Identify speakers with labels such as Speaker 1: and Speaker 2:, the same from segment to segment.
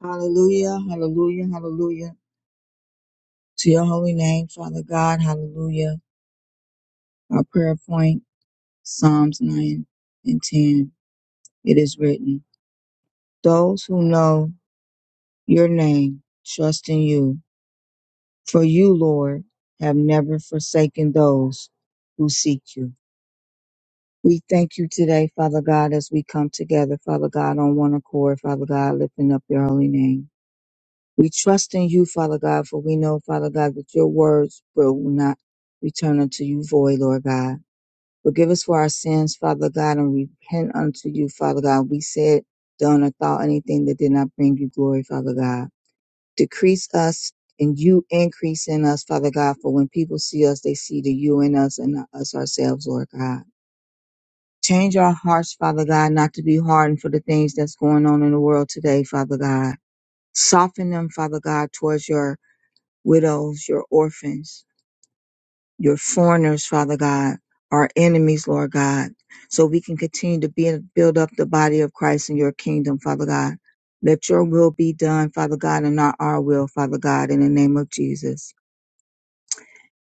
Speaker 1: Hallelujah, hallelujah, hallelujah. To your holy name, Father God, hallelujah. Our prayer point, Psalms 9 and 10. It is written, Those who know your name trust in you, for you, Lord, have never forsaken those who seek you. We thank you today, Father God, as we come together, Father God, on one accord, Father God, lifting up your holy name. We trust in you, Father God, for we know, Father God, that your words will not return unto you void, Lord God. Forgive us for our sins, Father God, and repent unto you, Father God. We said, done, or thought anything that did not bring you glory, Father God. Decrease us and you increase in us, Father God, for when people see us, they see the you in us and not us ourselves, Lord God. Change our hearts, Father God, not to be hardened for the things that's going on in the world today, Father God. Soften them, Father God, towards your widows, your orphans, your foreigners, Father God, our enemies, Lord God, so we can continue to be, build up the body of Christ in your kingdom, Father God. Let your will be done, Father God, and not our will, Father God, in the name of Jesus.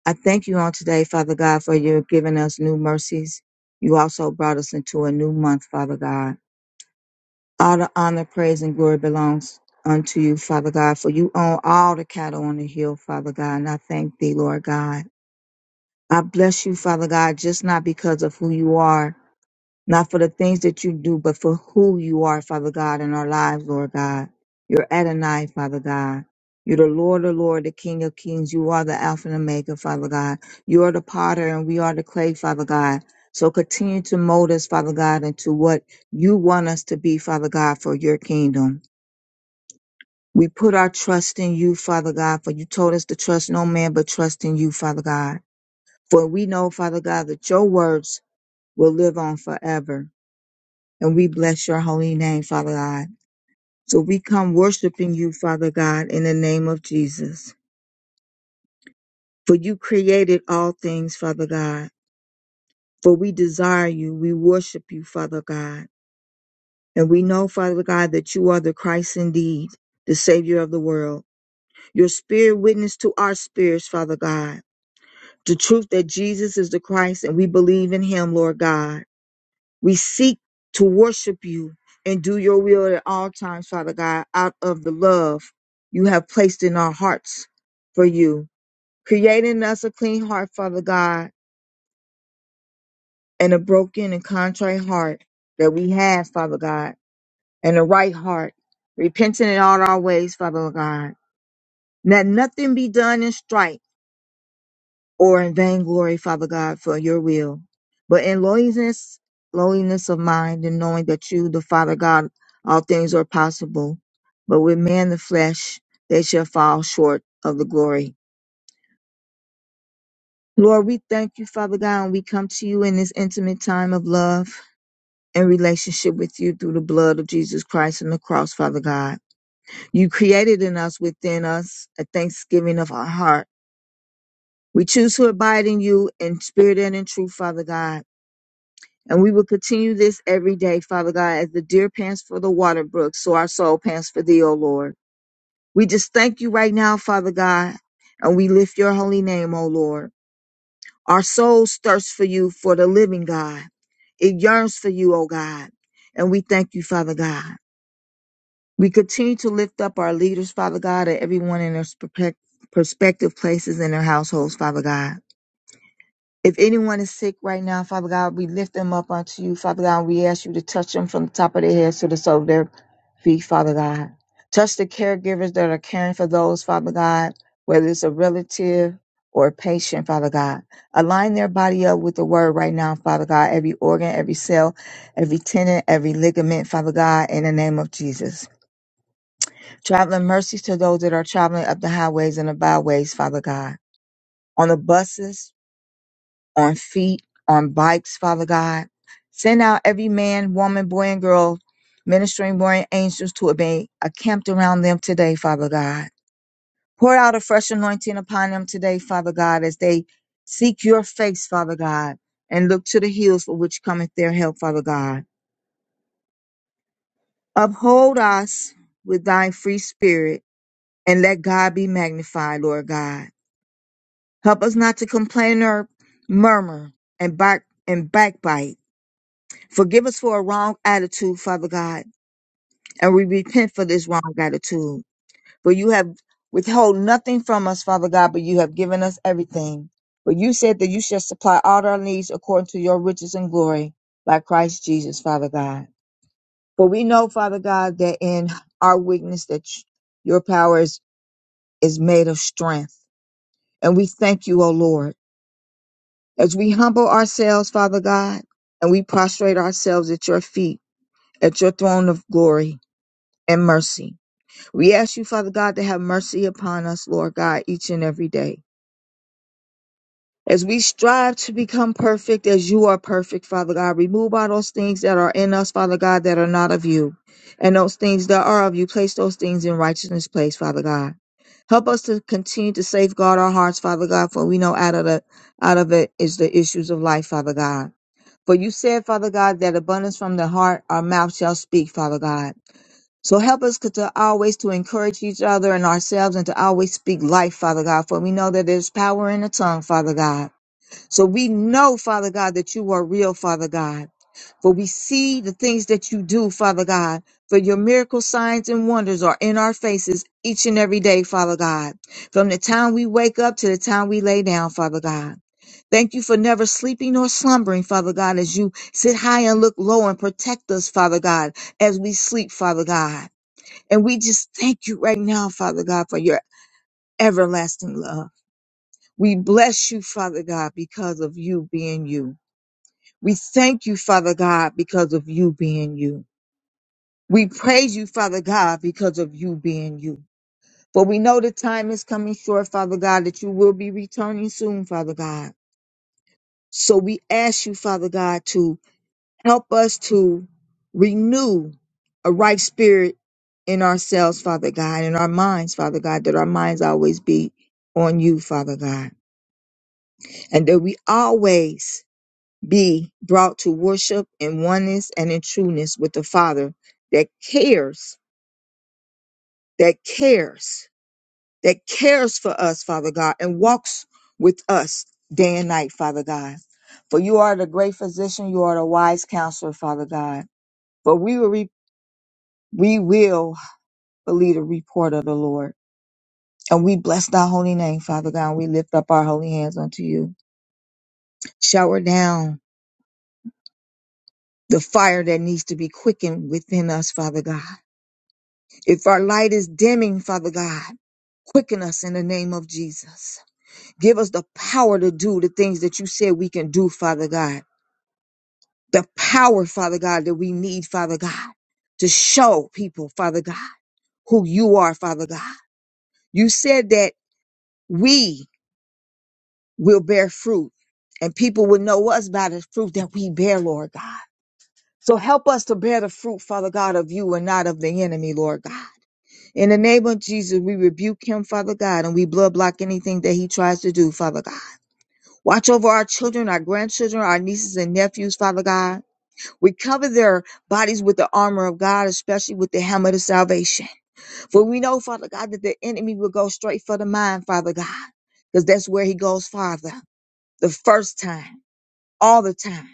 Speaker 1: I thank you on today, Father God, for you giving us new mercies. You also brought us into a new month, Father God. All the honor, praise, and glory belongs unto you, Father God, for you own all the cattle on the hill, Father God, and I thank thee, Lord God. I bless you, Father God, just not because of who you are, not for the things that you do, but for who you are, Father God, in our lives, Lord God. You're Adonai, Father God. You're the Lord, the Lord, the King of Kings. You are the Alpha and Omega, Father God. You are the potter and we are the clay, Father God. So continue to mold us, Father God, into what you want us to be, Father God, for your kingdom. We put our trust in you, Father God, for you told us to trust no man but trust in you, Father God. For we know, Father God, that your words will live on forever. And we bless your holy name, Father God. So we come worshiping you, Father God, in the name of Jesus. For you created all things, Father God. For we desire you. We worship you, Father God. And we know, Father God, that you are the Christ indeed, the Savior of the world. Your spirit witness to our spirits, Father God. The truth that Jesus is the Christ and we believe in him, Lord God. We seek to worship you and do your will at all times, Father God, out of the love you have placed in our hearts for you. Create in us a clean heart, Father God, and a broken and contrite heart that we have, Father God, and a right heart, repenting in all our ways, Father God. Let nothing be done in strife or in vainglory, Father God, for your will, but in lowliness, lowliness of mind, and knowing that you, the Father God, all things are possible. But with man the flesh, they shall fall short of the glory. Lord, we thank you, Father God, and we come to you in this intimate time of love and relationship with you through the blood of Jesus Christ and the cross, Father God. You created in us, within us, a thanksgiving of our heart. We choose to abide in you in spirit and in truth, Father God. And we will continue this every day, Father God, as the deer pants for the water brook, so our soul pants for thee, O Lord. We just thank you right now, Father God, and we lift your holy name, O Lord. Our souls thirst for you, for the living God. It yearns for you, O God. And we thank you, Father God. We continue to lift up our leaders, Father God, and everyone in their spec- prospective places in their households, Father God. If anyone is sick right now, Father God, we lift them up unto you. Father God, we ask you to touch them from the top of their heads to the sole of their feet, Father God. Touch the caregivers that are caring for those, Father God, whether it's a relative or a patient, Father God. Align their body up with the word right now, Father God. Every organ, every cell, every tendon, every ligament, Father God, in the name of Jesus. Traveling mercies to those that are traveling up the highways and the byways, Father God. On the buses, on feet, on bikes, Father God. Send out every man, woman, boy, and girl, ministering warrior angels to obey, encamped around them today, Father God. Pour out a fresh anointing upon them today, Father God, as they seek your face, Father God, and look to the hills for which cometh their help, Father God. Uphold us with thy free spirit and let God be magnified, Lord God. Help us not to complain or murmur and back and backbite Forgive us for a wrong attitude, Father God, and we repent for this wrong attitude. For you have withheld nothing from us, Father God, but you have given us everything. For you said that you shall supply all our needs according to your riches and glory by Christ Jesus, Father God. For we know, Father God, that in our weakness that your power is, is made of strength. And we thank you, O Lord, as we humble ourselves, Father God, and we prostrate ourselves at your feet, at your throne of glory. and mercy. We ask you, Father God, to have mercy upon us, Lord God, each and every day. As we strive to become perfect as you are perfect, Father God, remove all those things that are in us, Father God, that are not of you. And those things that are of you, place those things in righteousness place, Father God. Help us to continue to safeguard our hearts, Father God, for we know out of the out of it is the issues of life, Father God. For you said, Father God, that abundance from the heart our mouth shall speak, Father God. So help us to always to encourage each other and ourselves and to always speak life, Father God, for we know that there's power in the tongue, Father God. So we know, Father God, that you are real, Father God, for we see the things that you do, Father God, for your miracle signs and wonders are in our faces each and every day, Father God, from the time we wake up to the time we lay down, Father God. Thank you for never sleeping or slumbering, Father God, as you sit high and look low and protect us, Father God, as we sleep, Father God. And we just thank you right now, Father God, for your everlasting love. We bless you, Father God, because of you being you. We thank you, Father God, because of you being you. We praise you, Father God, because of you being you. For we know the time is coming short, Father God, that you will be returning soon, Father God. So we ask you, Father God, to Help us to renew a right spirit in ourselves, Father God, in our minds, Father God, that our minds always be on you, Father God, and that we always be brought to worship in oneness and in trueness with the Father that cares, that cares, that cares for us, Father God, and walks with us day and night, Father God. For you are the great physician, you are the wise counselor, Father God. But we will, re- we will believe the report of the Lord. And we bless thy holy name, Father God. We lift up our holy hands unto you. Shower down the fire that needs to be quickened within us, Father God. If our light is dimming, Father God, quicken us in the name of Jesus. Give us the power to do the things that you said we can do, Father God. The power, Father God, that we need, Father God, to show people, Father God, who you are, Father God. You said that we We'll bear fruit and people will know us by the fruit that we bear, Lord God. So help us to bear the fruit, Father God, of you and not of the enemy, Lord God. In the name of Jesus, we rebuke him, Father God, and we blood block anything that he tries to do, Father God. Watch over our children, our grandchildren, our nieces and nephews, Father God. We cover their bodies with the armor of God, especially with the helmet of salvation. For we know, Father God, that the enemy will go straight for the mind, Father God, because that's where he goes, Father, the first time all the time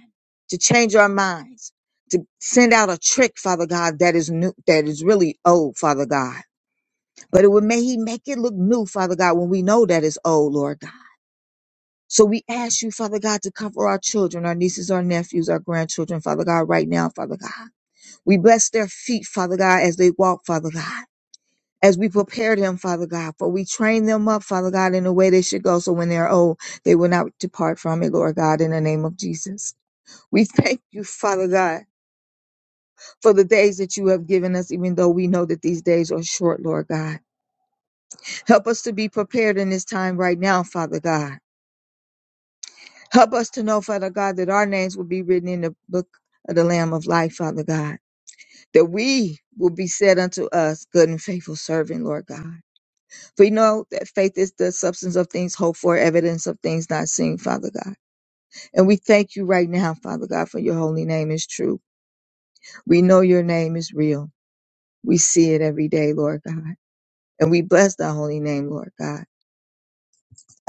Speaker 1: to change our minds, to send out a trick, Father God, that is new, that is really old, Father God. But it would may He make it look new, Father God, when we know that it's old, Lord God. So we ask you, Father God, to cover our children, our nieces, our nephews, our grandchildren, Father God, right now, Father God. We bless their feet, Father God, as they walk, Father God. As we prepare them, Father God, for we train them up, Father God, in the way they should go. So when they're old, they will not depart from it, Lord God, in the name of Jesus. We thank you, Father God, for the days that you have given us, even though we know that these days are short, Lord God. Help us to be prepared in this time right now, Father God. Help us to know, Father God, that our names will be written in the book of the Lamb of Life, Father God, that we will be said unto us, good and faithful servant, Lord God. For we know that faith is the substance of things hoped for, evidence of things not seen, Father God. And we thank you right now, Father God, for your holy name is true. We know your name is real. We see it every day, Lord God. And we bless thy holy name, Lord God.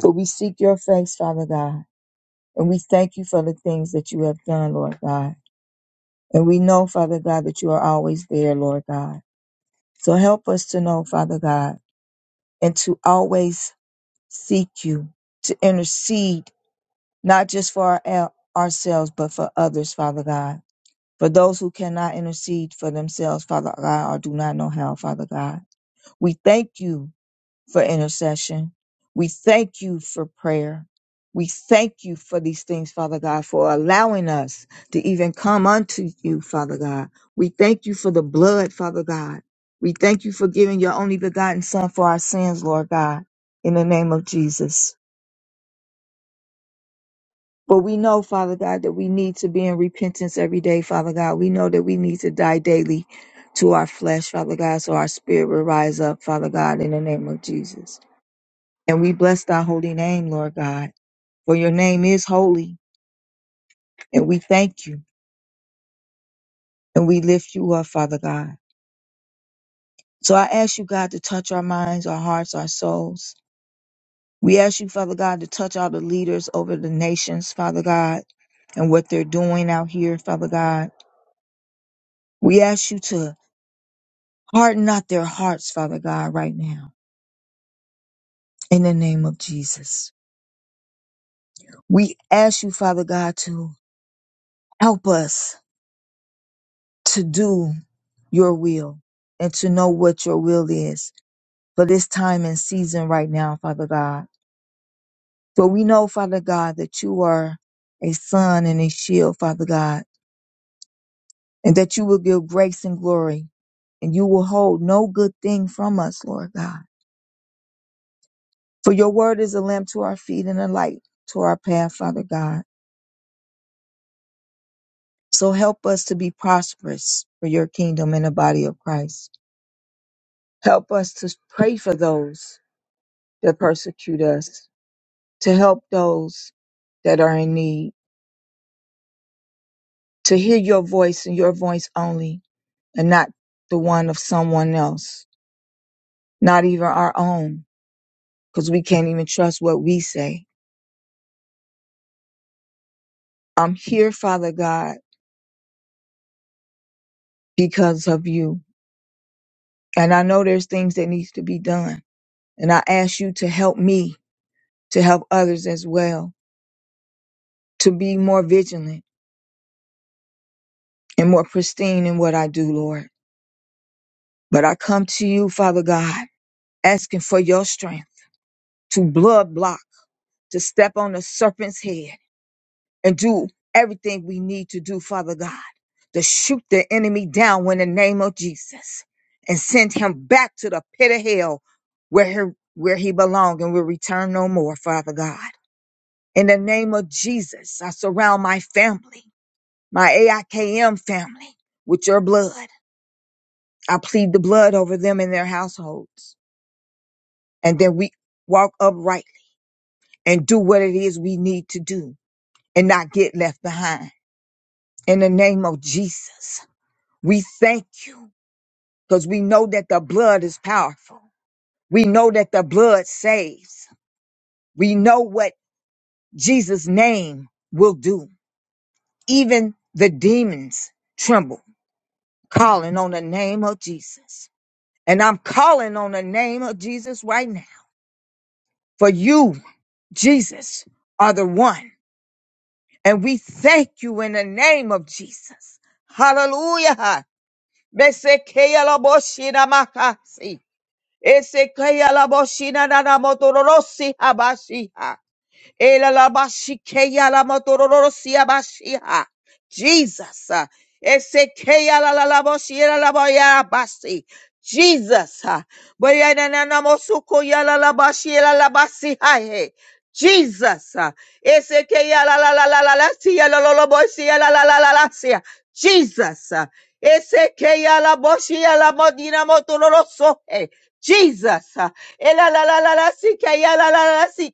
Speaker 1: For we seek your face, Father God. And we thank you for the things that you have done, Lord God. And we know, Father God, that you are always there, Lord God. So help us to know, Father God, and to always seek you, to intercede, not just for our, ourselves, but for others, Father God. For those who cannot intercede for themselves, Father God, or do not know how, Father God. We thank you for intercession. We thank you for prayer. We thank you for these things, Father God, for allowing us to even come unto you, Father God. We thank you for the blood, Father God. We thank you for giving your only begotten Son for our sins, Lord God, in the name of Jesus. But we know, Father God, that we need to be in repentance every day, Father God. We know that we need to die daily to our flesh, Father God, so our spirit will rise up, Father God, in the name of Jesus. And we bless thy holy name, Lord God, for your name is holy. And we thank you and we lift you up, Father God. So I ask you, God, to touch our minds, our hearts, our souls. We ask you, Father God, to touch all the leaders over the nations, Father God, and what they're doing out here, Father God. We ask you to harden not their hearts, Father God, right now, in the name of Jesus. We ask you, Father God, to help us to do your will and to know what your will is for this time and season right now, Father God. For we know, Father God, that you are a sun and a shield, Father God, and that you will give grace and glory and you will hold no good thing from us, Lord God. For your word is a lamp to our feet and a light to our path, Father God. So help us to be prosperous for your kingdom and the body of Christ. Help us to pray for those that persecute us to help those that are in need, to hear your voice and your voice only, and not the one of someone else, not even our own, because we can't even trust what we say. I'm here, Father God, because of you. And I know there's things that needs to be done. And I ask you to help me, to help others as well, to be more vigilant and more pristine in what I do, Lord. But I come to you, Father God, asking for your strength to blood block to step on the serpent's head and do everything we need to do, Father God, to shoot the enemy down in the name of Jesus and send him back to the pit of hell where he, where he belongs and will return no more, Father God. In the name of Jesus, I surround my family, my AIKM family, with your blood. I plead the blood over them and their households. And then we walk upright and do what it is we need to do and not get left behind. In the name of Jesus, we thank you because we know that the blood is powerful. We know that the blood saves. We know what Jesus' name will do. Even the demons tremble, calling on the name of Jesus. And I'm calling on the name of Jesus right now. For you, Jesus, are the one. And we thank you in the name of Jesus. Hallelujah. Besekeya lobo shira makasi. Esekeya la boshina na na motororosi abashiha. Ela la bashikeya la motororosi abashiha. Jesus. ah. Esekeya la la la boshira la boya basi. Jesus. ah. Boya na na na mosuko ya la la bashira la basi hai. Jesus. ah. Esekeya la la la la la la siya la la la boshiya la la la la la siya. Jesus. ah. Esekeya la boshia la modina motororoso. he. Jesus. uh, ela la la lalalalasi-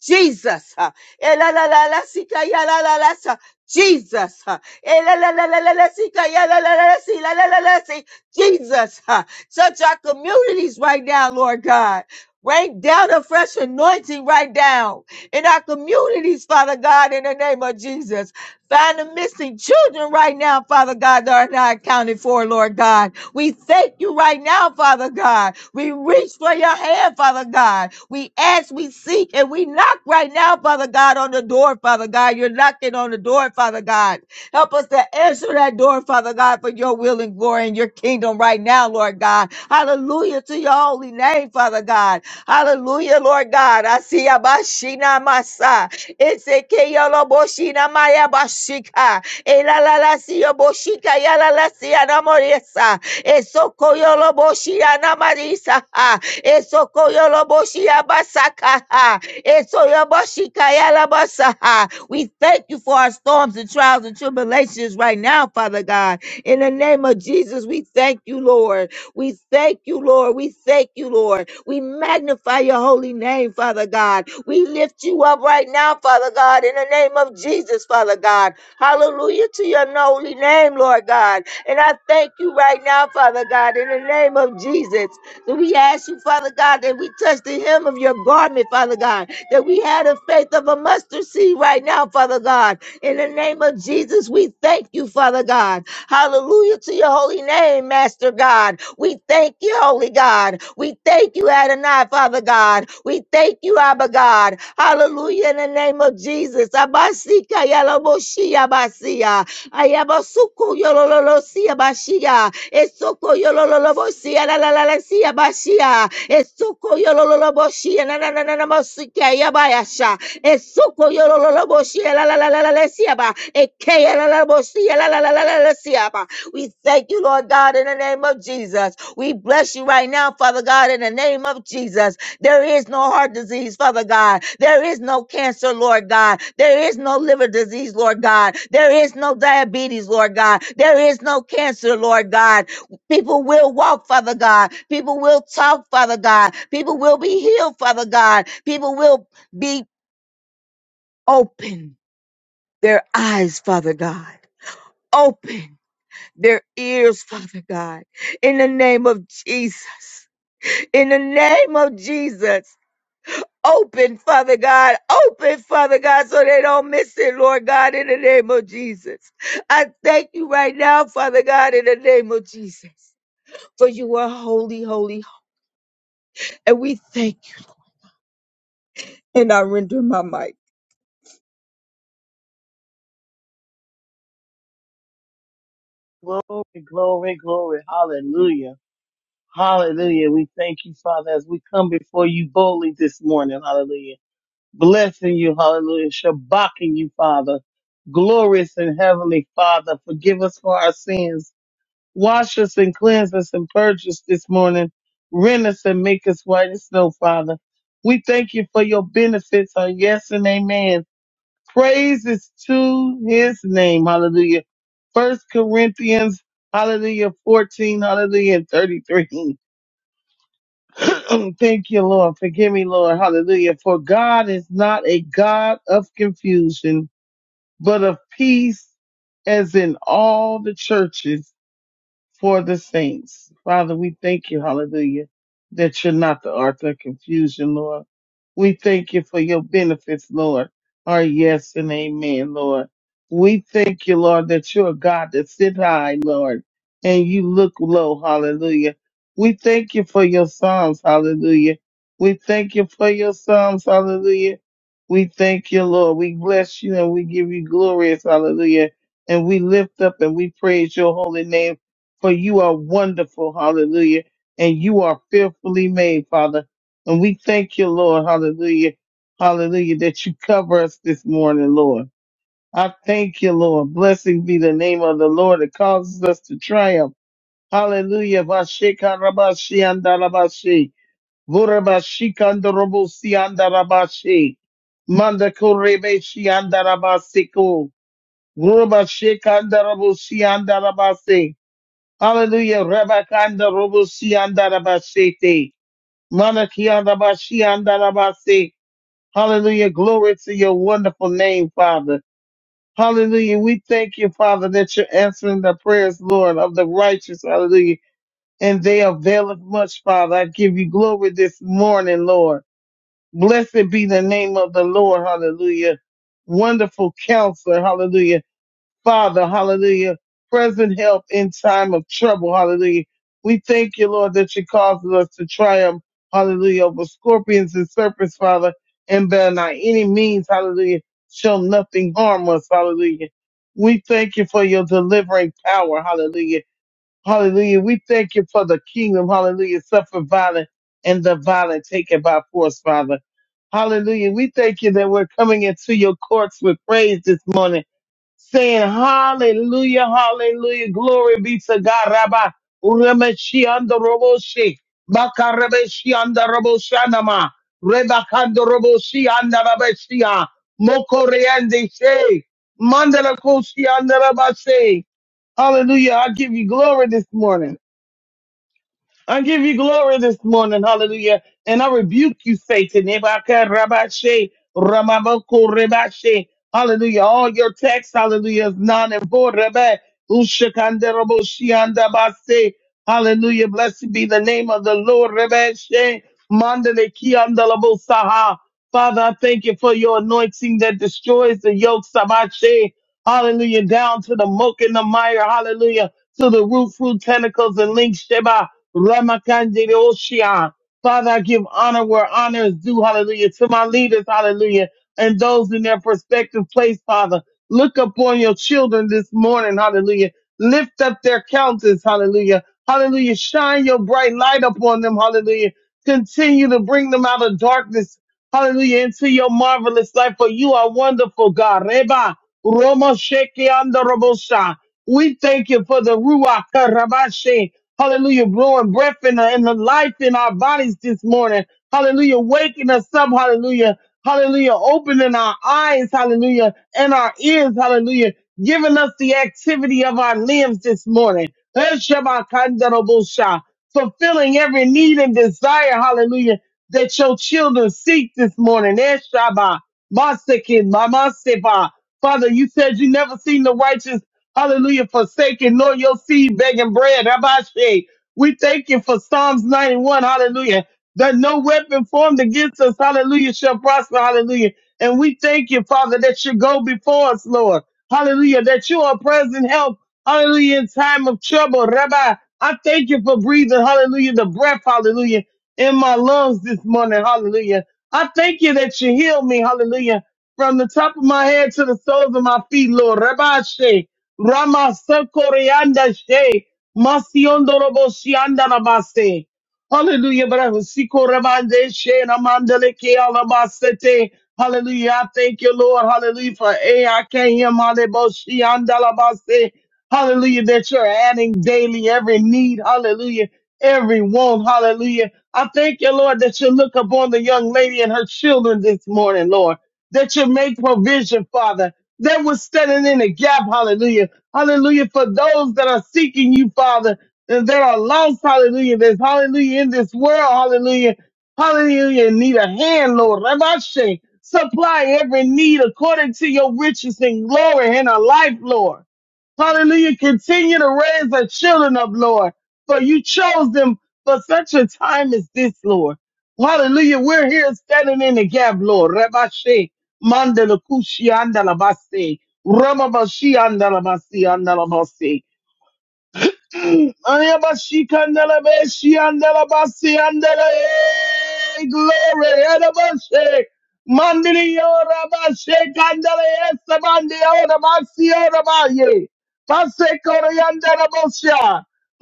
Speaker 1: Jesus. uh, ela la yalalalasa- Jesus. uh, ela la la lalalalasi- Jesus. uh, Touch our communities right now, Lord God. Rain down a fresh anointing right now in our communities, Father God, in the name of Jesus. Find the missing children right now, Father God, that are not accounted for, Lord God. We thank you right now, Father God. We reach for your hand, Father God. We ask, we seek seek and we knock right now, Father God, on the door, Father God. You're knocking on the door, Father God. Help us to answer that door, Father God, for your will and glory and your kingdom right now, Lord God. Hallelujah to your holy name, Father God. Hallelujah, Lord God. I see Abashina Masa. Esekeyolo boshina maya bashika. Elalala siyo boshika yalala siya namoresa. Esokoyolo boshia namarisa. ha. Esokoyolo boshia basaka. ha. Esoyo boshika yala basa, We thank you for our storms and trials and tribulations right now, Father God. In the name of Jesus, we thank you, Lord. We thank you, Lord. We thank you, Lord. We magnify your holy name, Father God. We lift you up right now, Father God, in the name of Jesus, Father God. Hallelujah to your holy name, Lord God. And I thank you right now, Father God, in the name of Jesus. So we ask you, Father God, that we touch the hem of your garment, Father God that we had a faith of a mustard seed right now, Father God. In the name of Jesus, we thank you, Father God. Hallelujah to your holy name, Master God. We thank you, Holy God. We thank you, Adonai, Father God. We thank you, Abba God. Hallelujah in the name of Jesus. Abasika yalaboshi abasia. Ayabasuku yolololosi abashia. Esoko yolololobosi alalalasi abashia. Esoko yolololoboshi na na na na na yabayasha esuko yorololobo shialalalalalesiaba ekeyalalobo shialalalalesiaba. We thank you, Lord God, in the name of Jesus. We bless you right now, Father God, in the name of Jesus. There is no heart disease, Father God. There is no cancer, Lord God. There is no liver disease, Lord God. There is no diabetes, Lord God. There is no cancer, Lord God. People will walk, Father God. People will talk, Father God. People will be healed, Father God. People will be open their eyes, Father God. Open their ears, Father God. In the name of Jesus. In the name of Jesus. Open, Father God. Open, Father God, so they don't miss it, Lord God, in the name of Jesus. I thank you right now, Father God, in the name of Jesus. For you are holy, holy, holy. and we thank you. And I render my mic.
Speaker 2: Glory, glory, glory. Hallelujah. Hallelujah. We thank you, Father, as we come before you boldly this morning. Hallelujah. Blessing you. Hallelujah. Shabbaking you, Father. Glorious and heavenly Father. Forgive us for our sins. Wash us and cleanse us and purge us this morning. Rend us and make us white as snow, Father. We thank you for your benefits. Our yes and amen praises to his name. Hallelujah. First Corinthians, hallelujah, 14, hallelujah, and 33. Thank you, Lord. Forgive me, Lord. Hallelujah. For God is not a God of confusion, but of peace, as in all the churches for the saints. Father, we thank you, hallelujah, that you're not the author of confusion, Lord. We thank you for your benefits, Lord. Our yes and amen, Lord. We thank you, Lord, that you're a God that sit high, Lord, and you look low, hallelujah. We thank you for your psalms, hallelujah. We thank you for your psalms, hallelujah. We thank you, Lord. We bless you and we give you glorious, hallelujah. And we lift up and we praise your holy name for you are wonderful, hallelujah, and you are fearfully made, Father. And we thank you, Lord, hallelujah, hallelujah, that you cover us this morning, Lord. I thank you, Lord. Blessed be the name of the Lord that causes us to triumph. Hallelujah. Vashekarabashi andarabashi. Vorabashi kandorobosi andarabashi. Mandakorebeshi andarabasiko. Vorabashekandaraboshi andarabase. Hallelujah. Rabakanda Robosi Andarabashete. Manakiandabashi Andarabase. Hallelujah. Glory to your wonderful name, Father. Hallelujah. We thank you, Father, that you're answering the prayers, Lord, of the righteous. Hallelujah. And they availeth much, Father. I give you glory this morning, Lord. Blessed be the name of the Lord. Hallelujah. Wonderful counselor. Hallelujah Father, hallelujah, present help in time of trouble, hallelujah. We thank you, Lord, that you causes us to triumph, hallelujah, over scorpions and serpents, Father, and by not any means, hallelujah, shall nothing harm us, hallelujah. We thank you for your delivering power, hallelujah, hallelujah. We thank you for the kingdom, hallelujah, suffer violence and the violent taken by force, Father. Hallelujah. We thank you that we're coming into your courts with praise this morning saying hallelujah, hallelujah, glory be to God. Rabba uremeshi ando roboshi, makarebeshi ando roboshanama, rebakando roboshi ando rabeshia, mokoreande she, mandala koshi ando rabashe. Hallelujah, I give you glory this morning. I give you glory this morning, hallelujah. And I rebuke you, Satan. Ebaka rabashe, ramaboko rebashe. Hallelujah. All your text, hallelujah, is non and void. Rebe, ushakande robo shianda base. Hallelujah. Blessed be the name of the Lord. Rebeshe, mandele kianda labo saha. Father, I thank you for your anointing that destroys the yoke, Sabashe. Hallelujah. Down to the muck and the mire. Hallelujah. To the root, fruit, tentacles, and links, Sheba. Ramakandeoshia. Father, I give honor where honor is due. Hallelujah. To my leaders. Hallelujah. And those in their prospective place, Father. Look upon your children this morning. Hallelujah. Lift up their countenance. Hallelujah. Hallelujah. Shine your bright light upon them. Hallelujah. Continue to bring them out of darkness. Hallelujah. Into your marvelous life, for you are wonderful, God. Reba, Roma Sheke Anda Robosha. We thank you for the Ruach Karabashe. Hallelujah. Blowing breath in the, in the life in our bodies this morning. Hallelujah. Waking us up. Hallelujah. Hallelujah. Opening our eyes. Hallelujah. And our ears. Hallelujah. Giving us the activity of our limbs this morning. Esheba Kanda Robosha fulfilling every need and desire, hallelujah, that your children seek this morning. Eshaba, Masekin, Mamasepa. Father, you said you never seen the righteous, hallelujah, forsaken, nor your seed begging bread. Abashe. We thank you for Psalms 91, hallelujah, that no weapon formed against us, hallelujah, shall prosper, hallelujah. And we thank you, Father, that you go before us, Lord, hallelujah, that you are present help, hallelujah, in time of trouble. Rabbi, I thank you for breathing, hallelujah, the breath, hallelujah in my lungs this morning. Hallelujah. I thank you that you healed me. Hallelujah. From the top of my head to the soles of my feet, Lord. Rabashe, Ramasakorianda She, Masiondoroboshianda Rabase. Hallelujah. But I was Siko Rabande She, Ramandeleke Alabasete. Hallelujah. I thank you, Lord. Hallelujah. For A, I can't hear Maleboshianda Labase. Hallelujah. That you're adding daily every need. Hallelujah. Every want. Hallelujah. I thank you, Lord, that you look upon the young lady and her children this morning, Lord, that you make provision, Father, that was standing in the gap. Hallelujah. Hallelujah. For those that are seeking you, Father, and that are lost. Hallelujah. There's hallelujah in this world. Hallelujah. Hallelujah. Need a hand, Lord. Ramashe. Supply every need according to your riches and glory in our life, Lord. Hallelujah. Continue to raise our children up, Lord, for you chose them for such a time as this, Lord. Hallelujah. We're here standing in the gap, Lord. Rebashe, mandala kushi andalabase, ramabashi andalabasi andalabase. Hey, glory. Adabashe. Mandiri yora bashe kandala yesa mandi yora basi yora baye. Pase kora yandara bosha.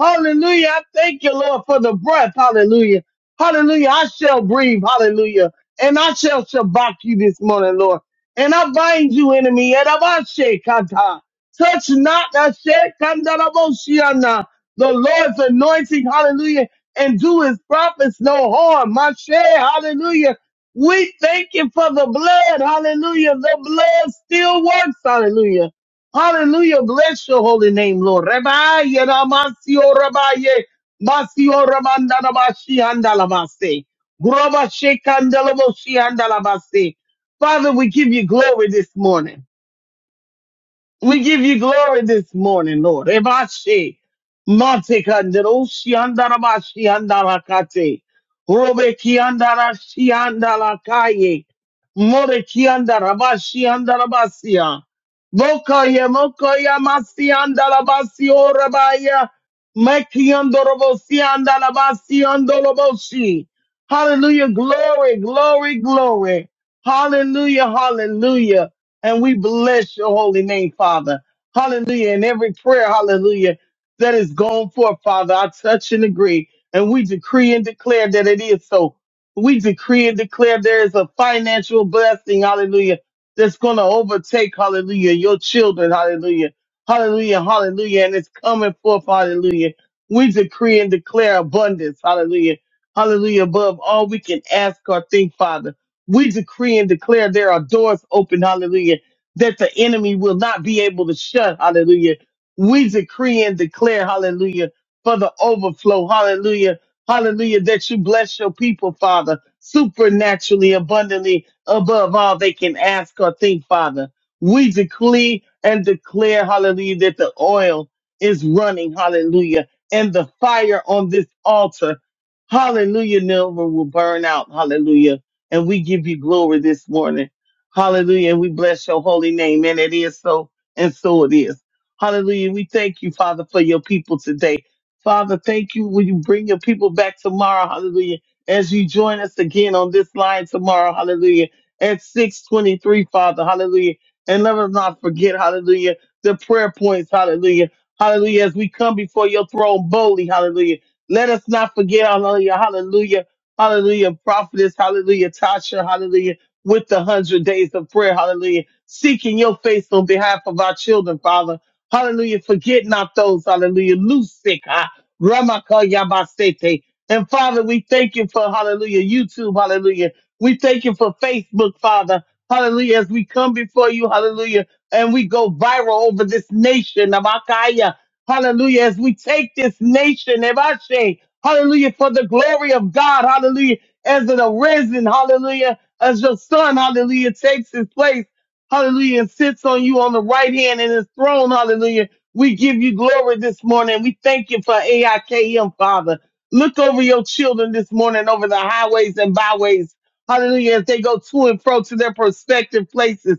Speaker 2: Hallelujah. I thank you, Lord, for the breath. Hallelujah. Hallelujah. I shall breathe. Hallelujah. And I shall shabak you this morning, Lord. And I bind you, enemy. Adabashe kata. Touch not that shit the Lord's anointing, hallelujah, and do his prophets no harm. My hallelujah. We thank you for the blood, hallelujah. The blood still works, hallelujah. Hallelujah. Bless your holy name, Lord. Rebaye, ramasio, rabaye, masio, ramandanabashi, andalabase. Grobashe, kandalaboshi, andalabase. Father, we give you glory this morning. We give you glory this morning, Lord. Ebashi, mate shiandarabashi, shiandara shiandara kate, robe kiandara shiandara kaye, more kiandara bashiandara basia, boka ye moka ye masiandara Hallelujah, glory, glory, glory. Hallelujah, hallelujah. And we bless your holy name, Father. Hallelujah. In every prayer, hallelujah, that is going forth, Father, I touch and agree. And we decree and declare that it is so. We decree and declare there is a financial blessing, hallelujah, that's going to overtake, hallelujah, your children, hallelujah. Hallelujah, hallelujah. And it's coming forth, hallelujah. We decree and declare abundance, hallelujah. Hallelujah, above all we can ask or think, Father we decree and declare there are doors open, hallelujah, that the enemy will not be able to shut, hallelujah. We decree and declare, hallelujah, for the overflow, hallelujah, hallelujah, that you bless your people, Father, supernaturally, abundantly, above all they can ask or think, Father. We decree and declare, hallelujah, that the oil is running, hallelujah, and the fire on this altar, hallelujah, never will burn out, hallelujah and we give you glory this morning. Hallelujah. And we bless your holy name. And it is so, and so it is. Hallelujah. We thank you, Father, for your people today. Father, thank you when you bring your people back tomorrow. Hallelujah. As you join us again on this line tomorrow. Hallelujah. At 623, Father. Hallelujah. And let us not forget, hallelujah, the prayer points. Hallelujah. Hallelujah. As we come before your throne boldly. Hallelujah. Let us not forget, hallelujah. Hallelujah Hallelujah. Prophetess, hallelujah. Tasha, hallelujah. With the hundred days of prayer, hallelujah. Seeking your face on behalf of our children, Father. Hallelujah. Forget not those, hallelujah. Loose sick, ah. Ramaka Yabasete. And Father, we thank you for, hallelujah, YouTube, hallelujah. We thank you for Facebook, Father. Hallelujah. As we come before you, hallelujah. And we go viral over this nation, Namakaya. Hallelujah. As we take this nation, Hallelujah. For the glory of God. Hallelujah. As an arisen. Hallelujah. As your son. Hallelujah. Takes his place. Hallelujah. And sits on you on the right hand in his throne. Hallelujah. We give you glory this morning. We thank you for AIKM, Father. Look over your children this morning over the highways and byways. Hallelujah. As they go to and fro to their prospective places,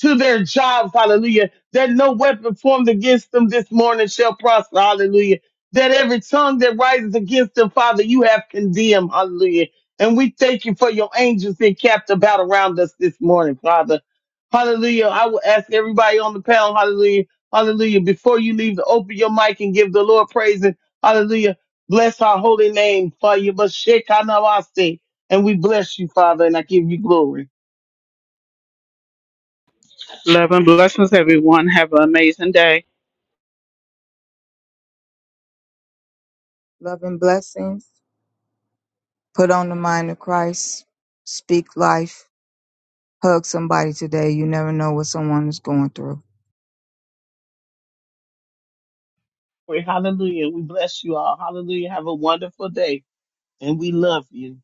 Speaker 2: to their jobs. Hallelujah. That no weapon formed against them this morning shall prosper. Hallelujah that every tongue that rises against them, Father, you have condemned. Hallelujah. And we thank you for your angels that capped about around us this morning, Father. Hallelujah. I will ask everybody on the panel, hallelujah, hallelujah, before you leave to open your mic and give the Lord praise and hallelujah. Bless our holy name for you, but And we bless you, Father, and I give you glory.
Speaker 3: Love and blessings, everyone. Have an amazing day.
Speaker 1: Love and blessings. Put on the mind of Christ. Speak life Hug somebody today. You never know what someone is going through.
Speaker 2: Hallelujah. We bless you all. Hallelujah. Have a wonderful day, and we love you.